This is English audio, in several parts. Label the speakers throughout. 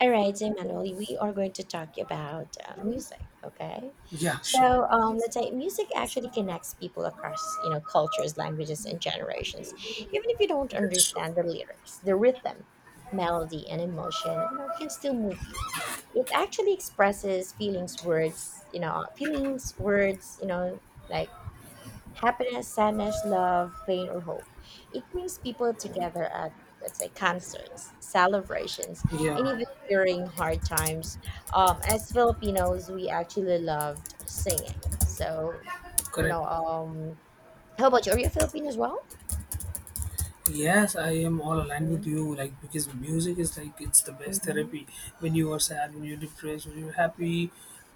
Speaker 1: All right, so Manuel, we are going to talk about music. Okay,
Speaker 2: Yeah, sure.
Speaker 1: so let's say music
Speaker 2: That's
Speaker 1: actually connects people across you know cultures, languages, and generations. Even if you don't
Speaker 2: true.
Speaker 1: understand the lyrics, the rhythm, melody, and emotion, you know, can still move you. It actually expresses feelings, words, you know, feelings, words, you know, like happiness, sadness, love, pain, or hope. It brings people together at, let's say, concerts, celebrations, and
Speaker 2: Yeah,
Speaker 1: even during hard times. As Filipinos, we actually loved singing. So, you know,
Speaker 2: correct.
Speaker 1: how about you? Are you a Filipino as well?
Speaker 2: Yes, I am all aligned with
Speaker 1: Mm-hmm,
Speaker 2: you. Like because music is like it's the best
Speaker 1: mm-hmm,
Speaker 2: therapy when you are sad, when you're depressed, when you're happy,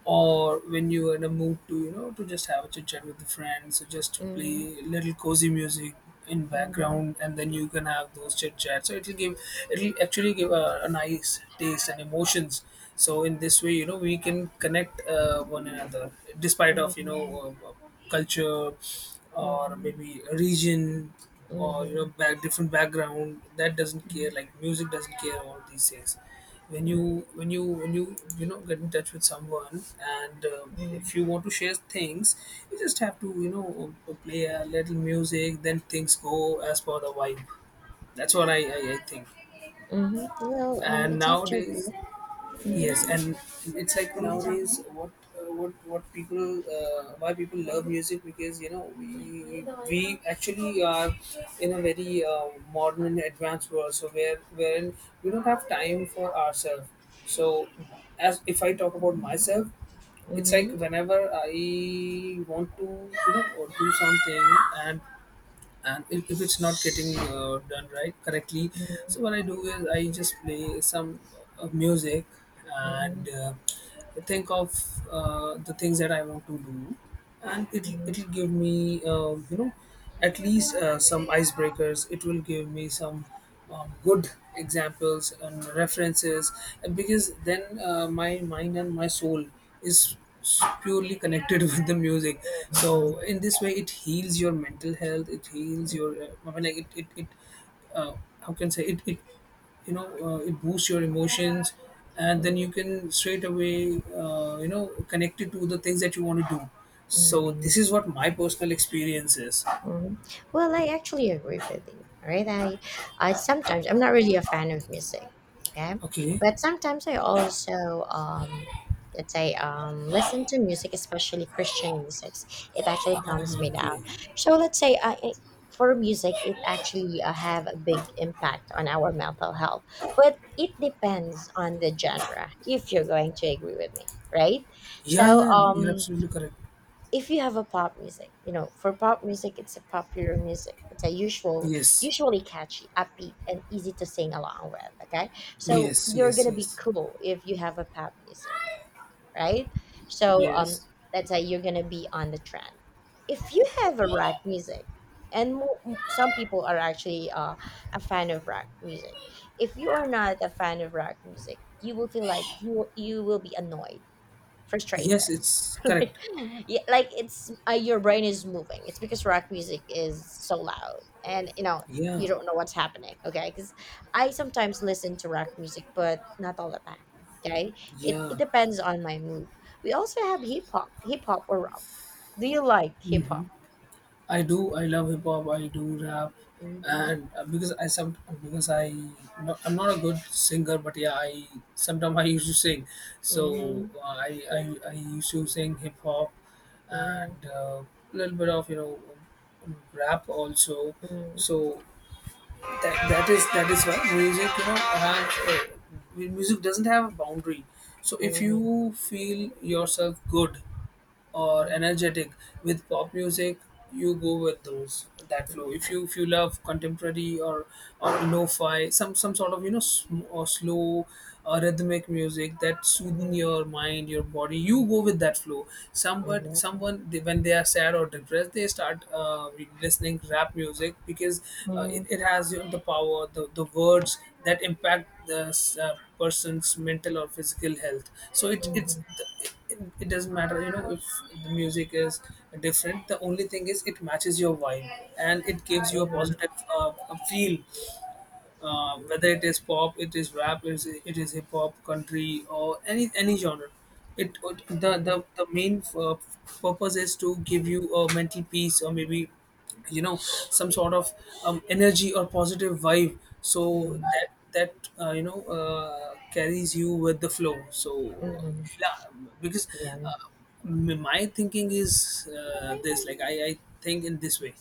Speaker 2: or when you are in a mood to you know to just have a chit chat with the friends. So just play little cozy music in
Speaker 1: mm-hmm,
Speaker 2: background, and then you can have those chit chats. So it'll actually give a nice taste and emotions. So in this way, we can connect one another despite of
Speaker 1: mm-hmm,
Speaker 2: uh, uh, culture, or
Speaker 1: mm-hmm,
Speaker 2: maybe a region, or
Speaker 1: mm-hmm.
Speaker 2: back different background. That doesn't care, like music doesn't care about these things. when you
Speaker 1: Mm-hmm.
Speaker 2: when you when you you know get in touch with someone, and if you want to share things, you just have to play a little music, then things go as per the vibe. That's what I think.
Speaker 1: Mm-hmm. Well,
Speaker 2: And
Speaker 1: it's actually
Speaker 2: nowadays,
Speaker 1: correct.
Speaker 2: yes,
Speaker 1: Mm-hmm.
Speaker 2: and it's like nowadays what people why people love music, because we actually are in a very modern and advanced world. So wherein we don't have time for ourselves. So as if I talk about myself, it's like
Speaker 1: Mm-hmm.
Speaker 2: whenever I want to do something, and if it's not getting done right correctly, so
Speaker 1: Mm-hmm.
Speaker 2: what I do is I just play some music,
Speaker 1: Mm-hmm.
Speaker 2: and think of the things that I want to do, and it
Speaker 1: Mm-hmm.
Speaker 2: it'll give me at least some icebreakers. It will give me some good examples and references, and because then my mind and my soul is purely connected with the music. So
Speaker 1: Mhm,
Speaker 2: in this way it heals your mental health, it heals your, I mean, like it uh, how can I say, it boosts your emotions, and then
Speaker 1: mhm,
Speaker 2: you can straight away connect it to the things that you want to do. So
Speaker 1: mhm,
Speaker 2: this is what my personal experience is.
Speaker 1: mhm. Well, I actually agree with you, right? I sometimes I'm not really a fan of music, okay,
Speaker 2: Okay.
Speaker 1: but sometimes I also um, let's say listen to music, especially Christian music. It actually
Speaker 2: Ah,
Speaker 1: calms me
Speaker 2: okay.
Speaker 1: down. So let's say for music, it actually have a big impact on our mental health, but it depends on the genre. If you're going to agree with me, right? So,
Speaker 2: Yeah, yeah, you're
Speaker 1: um,
Speaker 2: absolutely correct.
Speaker 1: if you have a pop music, you know, for pop music, it's a popular music.
Speaker 2: Yes,
Speaker 1: Usually catchy, upbeat, and easy to sing along with. Okay, so
Speaker 2: yes,
Speaker 1: you're
Speaker 2: yes.
Speaker 1: gonna be
Speaker 2: Yes,
Speaker 1: cool if you have a pop music, right? So
Speaker 2: yes,
Speaker 1: that's how you're gonna be on the trend. If you have a rock music, and some people are actually a fan of rock music. If you are not a fan of rock music, you will feel like you will be annoyed, frustrated.
Speaker 2: yes, it's
Speaker 1: Right.
Speaker 2: correct.
Speaker 1: Yeah, like it's your brain is moving. It's because rock music is so loud, and you know
Speaker 2: Yeah,
Speaker 1: you don't know what's happening. Okay, because I sometimes listen to rock music, but not all the time. Okay, it
Speaker 2: yeah.
Speaker 1: it depends on my mood. We also have hip hop or rap. Do you like hip
Speaker 2: Mm-hmm.
Speaker 1: hop?
Speaker 2: I do. I love hip hop. I do rap,
Speaker 1: Mm-hmm.
Speaker 2: and because I some because I no, I'm not a good singer, but yeah, I sometimes I used to sing. So
Speaker 1: Mm-hmm.
Speaker 2: I used to sing hip hop, and a little bit of rap also.
Speaker 1: Mm-hmm.
Speaker 2: So that is why music, doesn't have a boundary. So if
Speaker 1: Mm-hmm.
Speaker 2: you feel yourself good or
Speaker 1: Mm-hmm. Mm-hmm.
Speaker 2: energetic with pop music, you go with those that flow. If you love contemporary, or lo-fi, some sort of, or slow rhythmic music that soothen your mind, your body, you go
Speaker 1: Mm-hmm.
Speaker 2: with that flow. Somewhat
Speaker 1: Mm-hmm.
Speaker 2: Someone, they, when they are sad or depressed, they start listening rap music because
Speaker 1: Mm-hmm.
Speaker 2: it has, the power, the words that impact the person's mental or physical health. So it doesn't matter, if the music is different. The only thing is, it matches your vibe, and it gives you a
Speaker 1: Mm-hmm.
Speaker 2: positive, a feel, whether it is pop, it is rap, it is hip hop, country, or any genre. It the
Speaker 1: Mm-hmm.
Speaker 2: the the main purpose is to give you a mental peace, or maybe some sort of energy or positive vibe. So
Speaker 1: Mm-hmm.
Speaker 2: that carries you with the flow. So
Speaker 1: Mm-hmm,
Speaker 2: yeah, because
Speaker 1: yeah.
Speaker 2: uh, my thinking is this, like I think in this way.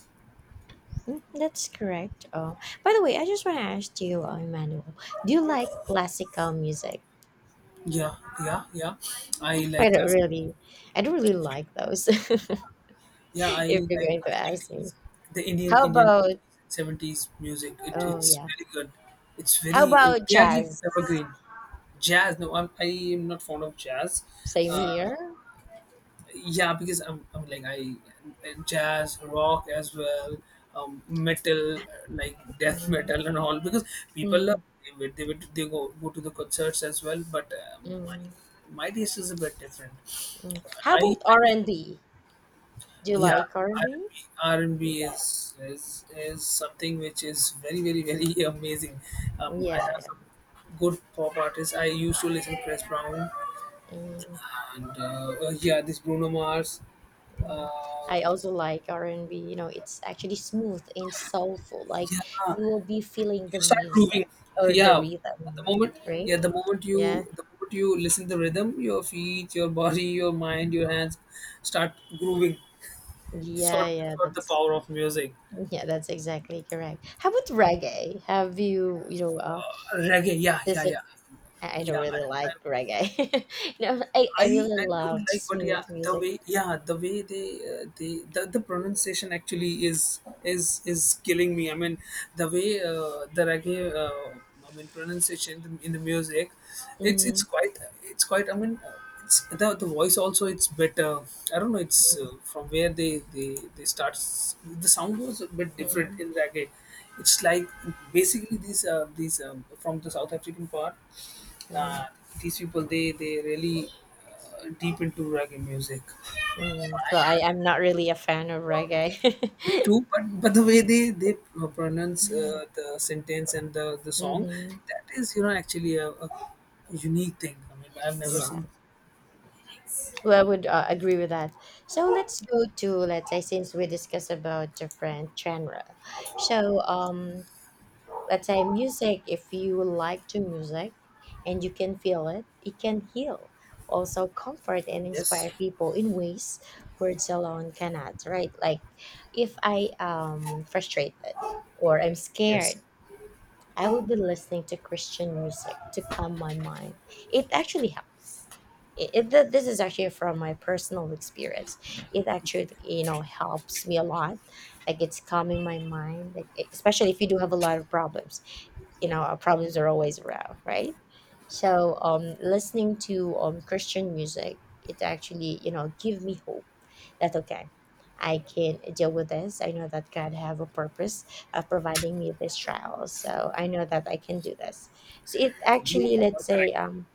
Speaker 1: Mm, that's correct. By the way, I just want to ask you, Emmanuel, do you like classical music?
Speaker 2: Yeah, yeah, yeah. I
Speaker 1: I
Speaker 2: like
Speaker 1: don't
Speaker 2: classical.
Speaker 1: really, I don't really like those.
Speaker 2: Yeah, I
Speaker 1: If
Speaker 2: like
Speaker 1: you're going to
Speaker 2: the
Speaker 1: ask me,
Speaker 2: 80s, the
Speaker 1: how
Speaker 2: Indian
Speaker 1: about?
Speaker 2: 80s and 70s music. It,
Speaker 1: Oh
Speaker 2: it's
Speaker 1: yeah,
Speaker 2: very good.
Speaker 1: how about
Speaker 2: They are like
Speaker 1: jazz?
Speaker 2: evergreen. Jazz. No, I am not fond of jazz.
Speaker 1: Same
Speaker 2: Uh,
Speaker 1: here.
Speaker 2: yeah, because I'm like, I jazz, rock as well, metal, like death
Speaker 1: Mm-hmm.
Speaker 2: metal, and all. Because people love
Speaker 1: Mm,
Speaker 2: they would, they would they go go to the concerts as well. But my
Speaker 1: mm,
Speaker 2: taste is a bit different.
Speaker 1: mm. How
Speaker 2: I
Speaker 1: about R and B? Do you
Speaker 2: Yeah,
Speaker 1: like R and B?
Speaker 2: R&B,
Speaker 1: Yeah,
Speaker 2: and b R and B is something which is very, very, very amazing. I
Speaker 1: yeah,
Speaker 2: have some
Speaker 1: yeah.
Speaker 2: good pop artists. I used to listen to Chris Brown,
Speaker 1: Mm.
Speaker 2: and yeah, this Bruno Mars.
Speaker 1: Mhm.
Speaker 2: Uh,
Speaker 1: I also like R&B. You know, it's actually smooth and soulful. Like
Speaker 2: yeah,
Speaker 1: you will be feeling
Speaker 2: you
Speaker 1: the
Speaker 2: start
Speaker 1: music
Speaker 2: grooving.
Speaker 1: or the
Speaker 2: Yeah, at the
Speaker 1: rhythm,
Speaker 2: moment,
Speaker 1: right?
Speaker 2: yeah,
Speaker 1: Yeah,
Speaker 2: the moment you listen to the rhythm, your feet, your body, your mind, your hands start grooving. That's
Speaker 1: yeah,
Speaker 2: what
Speaker 1: yeah.
Speaker 2: that's what the
Speaker 1: That's
Speaker 2: power of music.
Speaker 1: Yeah, that's exactly correct. How about reggae? Have you you know?
Speaker 2: Reggae, yeah, yeah,
Speaker 1: This is,
Speaker 2: yeah,
Speaker 1: I don't
Speaker 2: yeah.
Speaker 1: really
Speaker 2: I
Speaker 1: like reggae. No, I
Speaker 2: I
Speaker 1: really
Speaker 2: I don't
Speaker 1: loved
Speaker 2: like, but yeah,
Speaker 1: smooth
Speaker 2: the
Speaker 1: music.
Speaker 2: way, yeah, the way they the pronunciation actually is killing me. I mean, the way the reggae, I mean pronunciation in in the music,
Speaker 1: Mm,
Speaker 2: it's quite. I mean, it's the voice also. It's better. I don't know. It's
Speaker 1: mm,
Speaker 2: from where they start. The sound was a bit different
Speaker 1: mm,
Speaker 2: in reggae. It's like, basically these these, from the South African part, uh,
Speaker 1: mm,
Speaker 2: these people, they really, deep into reggae music.
Speaker 1: mm. So I I'm not really a fan of reggae.
Speaker 2: Me too, but the way they pronounce the sentence and the song,
Speaker 1: Hmm.
Speaker 2: that is, actually a, unique thing. I mean, I've never
Speaker 1: Yeah.
Speaker 2: seen.
Speaker 1: Well, I would agree with that. So let's go to let's say since we discussed about different genre. So let's say music. If you like to music, and you can feel it, it can heal, also comfort and
Speaker 2: Yes,
Speaker 1: inspire people in ways words alone cannot. Right? Like if I frustrated or I'm
Speaker 2: yes,
Speaker 1: scared I will be listening to Christian music to calm my mind. It actually helps. This is actually from my personal experience. It actually, you know, helps me a lot. Like it's calming my mind, like, especially if you do have a lot of problems. You know, our problems are always around, right? So, listening to Christian music, it actually, you know, give me hope that's okay. I can deal with this. I know that God have a purpose of providing me this trial, so I know that I can do this. So it
Speaker 2: you
Speaker 1: actually,
Speaker 2: are
Speaker 1: let's say,
Speaker 2: correct.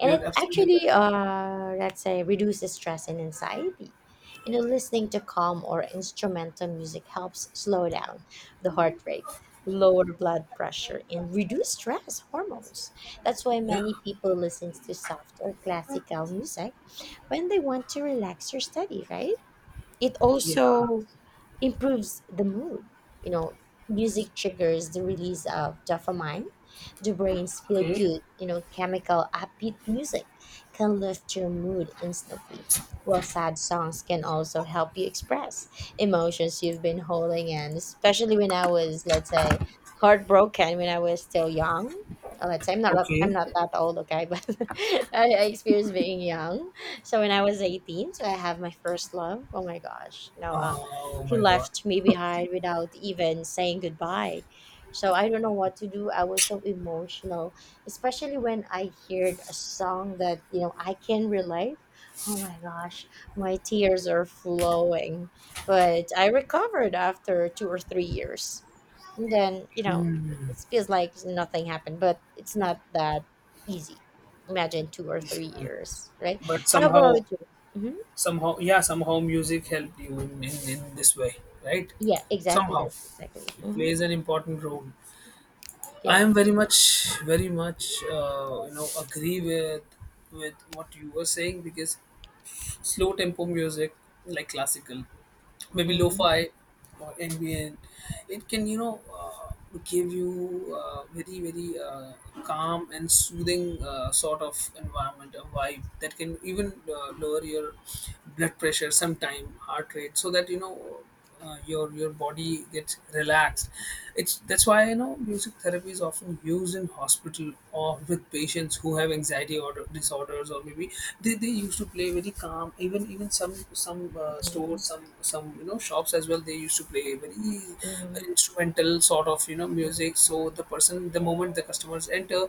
Speaker 1: and
Speaker 2: You're
Speaker 1: it
Speaker 2: absolutely
Speaker 1: actually,
Speaker 2: correct.
Speaker 1: let's say, reduces stress and anxiety. You know, listening to calm or instrumental music helps slow down the heart rate, lower blood pressure, and reduce stress hormones. That's why
Speaker 2: Yeah,
Speaker 1: many people listen to soft or classical music when they want to relax or study, right? It
Speaker 2: yeah.
Speaker 1: also improves the mood. You know, music triggers the release of dopamine, the brain's feel
Speaker 2: Okay,
Speaker 1: good, you know, chemical upbeat music can lift your mood instantly. While sad songs can also help you express emotions you've been holding in, especially when I was, let's say, heartbroken when I was still young. Let's say I'm
Speaker 2: okay.
Speaker 1: not that old, okay, but I experienced being young so when I was 18, so I have my first love. Oh my gosh, you know,
Speaker 2: Oh
Speaker 1: he
Speaker 2: my god.
Speaker 1: left me behind without even saying goodbye. So I don't know what to do. I was so emotional, especially when I heard a song that you know I can relate. Oh my gosh, my tears are flowing. But I recovered after 2 or 3 years. And then you know,
Speaker 2: Hmm.
Speaker 1: it feels like nothing happened, but it's not that easy, imagine two or three
Speaker 2: Yeah.
Speaker 1: years, right?
Speaker 2: But
Speaker 1: How
Speaker 2: somehow,
Speaker 1: about you? Hmm.
Speaker 2: yeah, somehow music helped you in, in this way, right?
Speaker 1: Yeah, exactly.
Speaker 2: Somehow
Speaker 1: That's exactly.
Speaker 2: it
Speaker 1: Hmm.
Speaker 2: plays an important role. I am
Speaker 1: Yeah.
Speaker 2: very much, very much agree with what you were saying, because slow tempo music, like classical, maybe
Speaker 1: Hmm,
Speaker 2: lo-fi or ambient. It can, give you very, very calm and soothing sort of environment, a vibe that can even lower your blood pressure, sometime heart rate, so that your body gets relaxed. It's That's why, music therapy is often used in hospital, or with patients who have anxiety or disorders, or maybe they used to play very calm. Even some stores,
Speaker 1: hmm,
Speaker 2: some shops as well, they used to play very instrumental sort of music,
Speaker 1: hmm,
Speaker 2: so the moment the customers enter,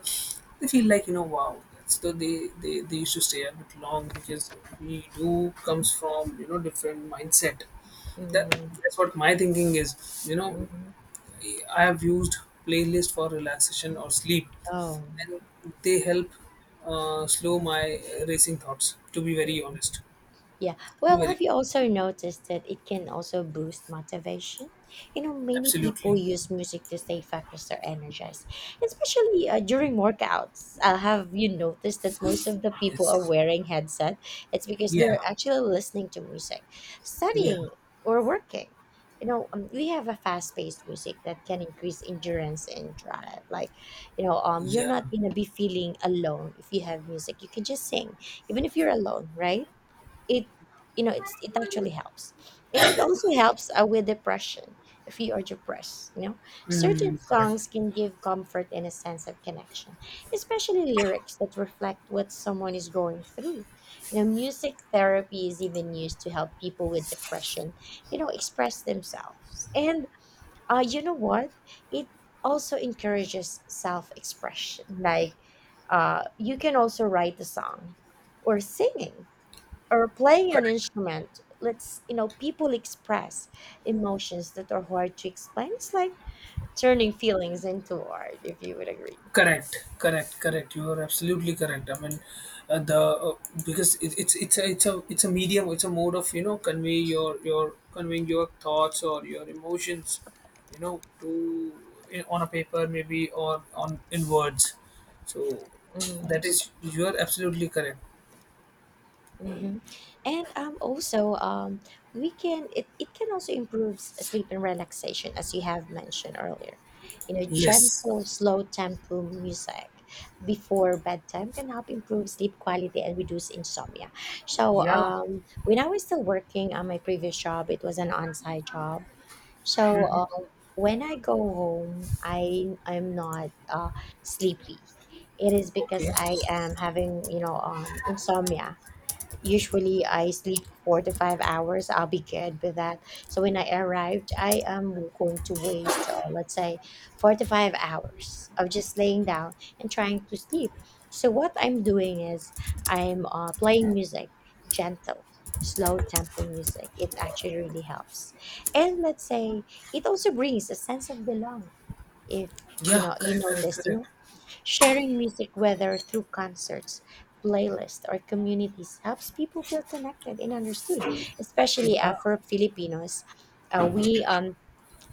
Speaker 2: they feel like, wow. So they used to stay a bit long, because we do comes from, different mindset. that
Speaker 1: hmm,
Speaker 2: that's what my thinking is. you know
Speaker 1: hmm.
Speaker 2: I have used playlist for relaxation or sleep,
Speaker 1: Oh.
Speaker 2: and they help slow my racing thoughts, to be very honest.
Speaker 1: Yeah.
Speaker 2: To be
Speaker 1: Well,
Speaker 2: very
Speaker 1: have you also noticed that it can also boost motivation? You know, many
Speaker 2: Absolutely.
Speaker 1: people use music to stay focused or energized, especially during workouts. Have you noticed that most of the people are
Speaker 2: Yes.
Speaker 1: wearing headset? It's because
Speaker 2: Yeah,
Speaker 1: they're actually listening to music,
Speaker 2: yeah,
Speaker 1: studying or working. You know, we have a fast-paced music that can increase endurance and drive. Like, you know, you're
Speaker 2: yeah.
Speaker 1: not gonna be feeling alone if you have music. You can just sing, even if you're alone, right? It you know it's it actually helps, and it also helps with depression. If you are depressed you know certain
Speaker 2: Mm, correct.
Speaker 1: songs can give comfort and a sense of connection, especially lyrics that reflect what someone is going through. You know music therapy is even used to help people with depression, you know express themselves, and you know what, it also encourages self-expression. Like you can also write a song or singing or playing an
Speaker 2: Correct.
Speaker 1: instrument lets you know people express emotions that are hard to explain. It's like turning feelings into art, if you would agree.
Speaker 2: Correct, correct, correct. You are absolutely correct. I mean, the because, it's a medium. It's a mode of conveying your thoughts or your emotions, you know, to on a paper maybe, or on in words. So that
Speaker 1: Mhm.
Speaker 2: is you are absolutely correct.
Speaker 1: Mhm. And also, we can it, it can also improve sleep and relaxation, as you have mentioned earlier. You know,
Speaker 2: Yes.
Speaker 1: gentle, slow tempo music before bedtime can help improve sleep quality and reduce insomnia. So,
Speaker 2: Yeah.
Speaker 1: when I was still working on my previous job, it was an on-site job. So, when I go home, I'm not sleepy. It is because
Speaker 2: Okay.
Speaker 1: I am having, you know, insomnia. Usually I sleep 4 to 5 hours. I'll be good with that. So when I arrived, I am going to waste, let's say, 4 to 5 hours of just laying down and trying to sleep. So what I'm doing is I'm playing music, gentle, slow tempo music. It actually really helps. And let's say it also brings a sense of belong. If you
Speaker 2: Yeah.
Speaker 1: know you
Speaker 2: Correct. Correct.
Speaker 1: notice, you
Speaker 2: Correct.
Speaker 1: know, sharing music, whether through concerts, playlists, or communities, helps people feel connected and understood, especially
Speaker 2: Yeah.
Speaker 1: Afro Filipinos. We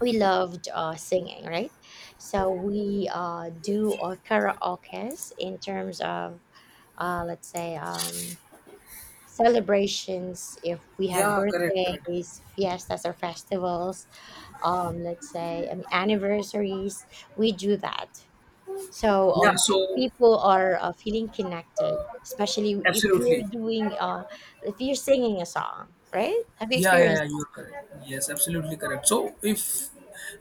Speaker 1: we loved singing, right? So we do karaoke's in terms of let's say celebrations if we have
Speaker 2: Yeah. Correct. Correct.
Speaker 1: birthdays, fiestas, or festivals. Let's say anniversaries. We do that so
Speaker 2: Yeah. So
Speaker 1: people are feeling connected, especially if you're
Speaker 2: absolutely.
Speaker 1: doing if you're singing a song, right? Have you
Speaker 2: Yeah, yeah, yeah,
Speaker 1: experienced that?
Speaker 2: you're correct. Yes, absolutely correct. So, if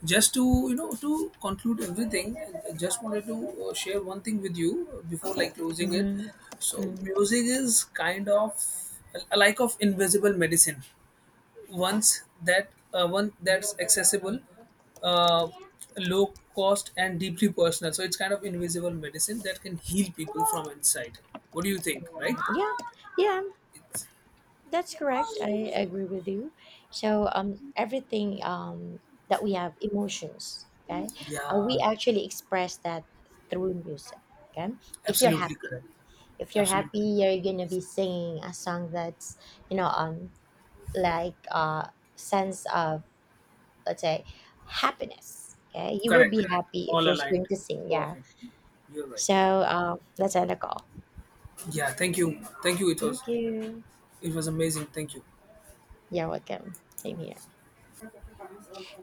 Speaker 2: just to, to conclude everything, I just wanted to share one thing with you before like closing it.
Speaker 1: Hmm.
Speaker 2: So,
Speaker 1: Mm.
Speaker 2: music is kind of a like of invisible medicine. Once that One that's accessible, uh, low cost, and deeply personal. So it's kind of invisible medicine that can heal people from inside. What do you think? Right?
Speaker 1: Yeah, yeah,
Speaker 2: It's,
Speaker 1: that's correct. I agree with you. So everything that we have emotions, okay,
Speaker 2: yeah.
Speaker 1: we actually express that through music. Okay, if you're
Speaker 2: Absolutely
Speaker 1: happy.
Speaker 2: correct.
Speaker 1: If you're
Speaker 2: Absolutely
Speaker 1: happy,
Speaker 2: correct.
Speaker 1: you're gonna be singing a song that's, you know, like sense of let's say happiness, okay, you will
Speaker 2: Correct,
Speaker 1: be
Speaker 2: correct.
Speaker 1: happy if
Speaker 2: All
Speaker 1: you're going
Speaker 2: aligned.
Speaker 1: to sing, yeah.
Speaker 2: Perfect. You're right.
Speaker 1: So let's end the call.
Speaker 2: Yeah, thank you. Thank you. It was
Speaker 1: Thank you.
Speaker 2: it was amazing. Thank you.
Speaker 1: You're welcome. Same here.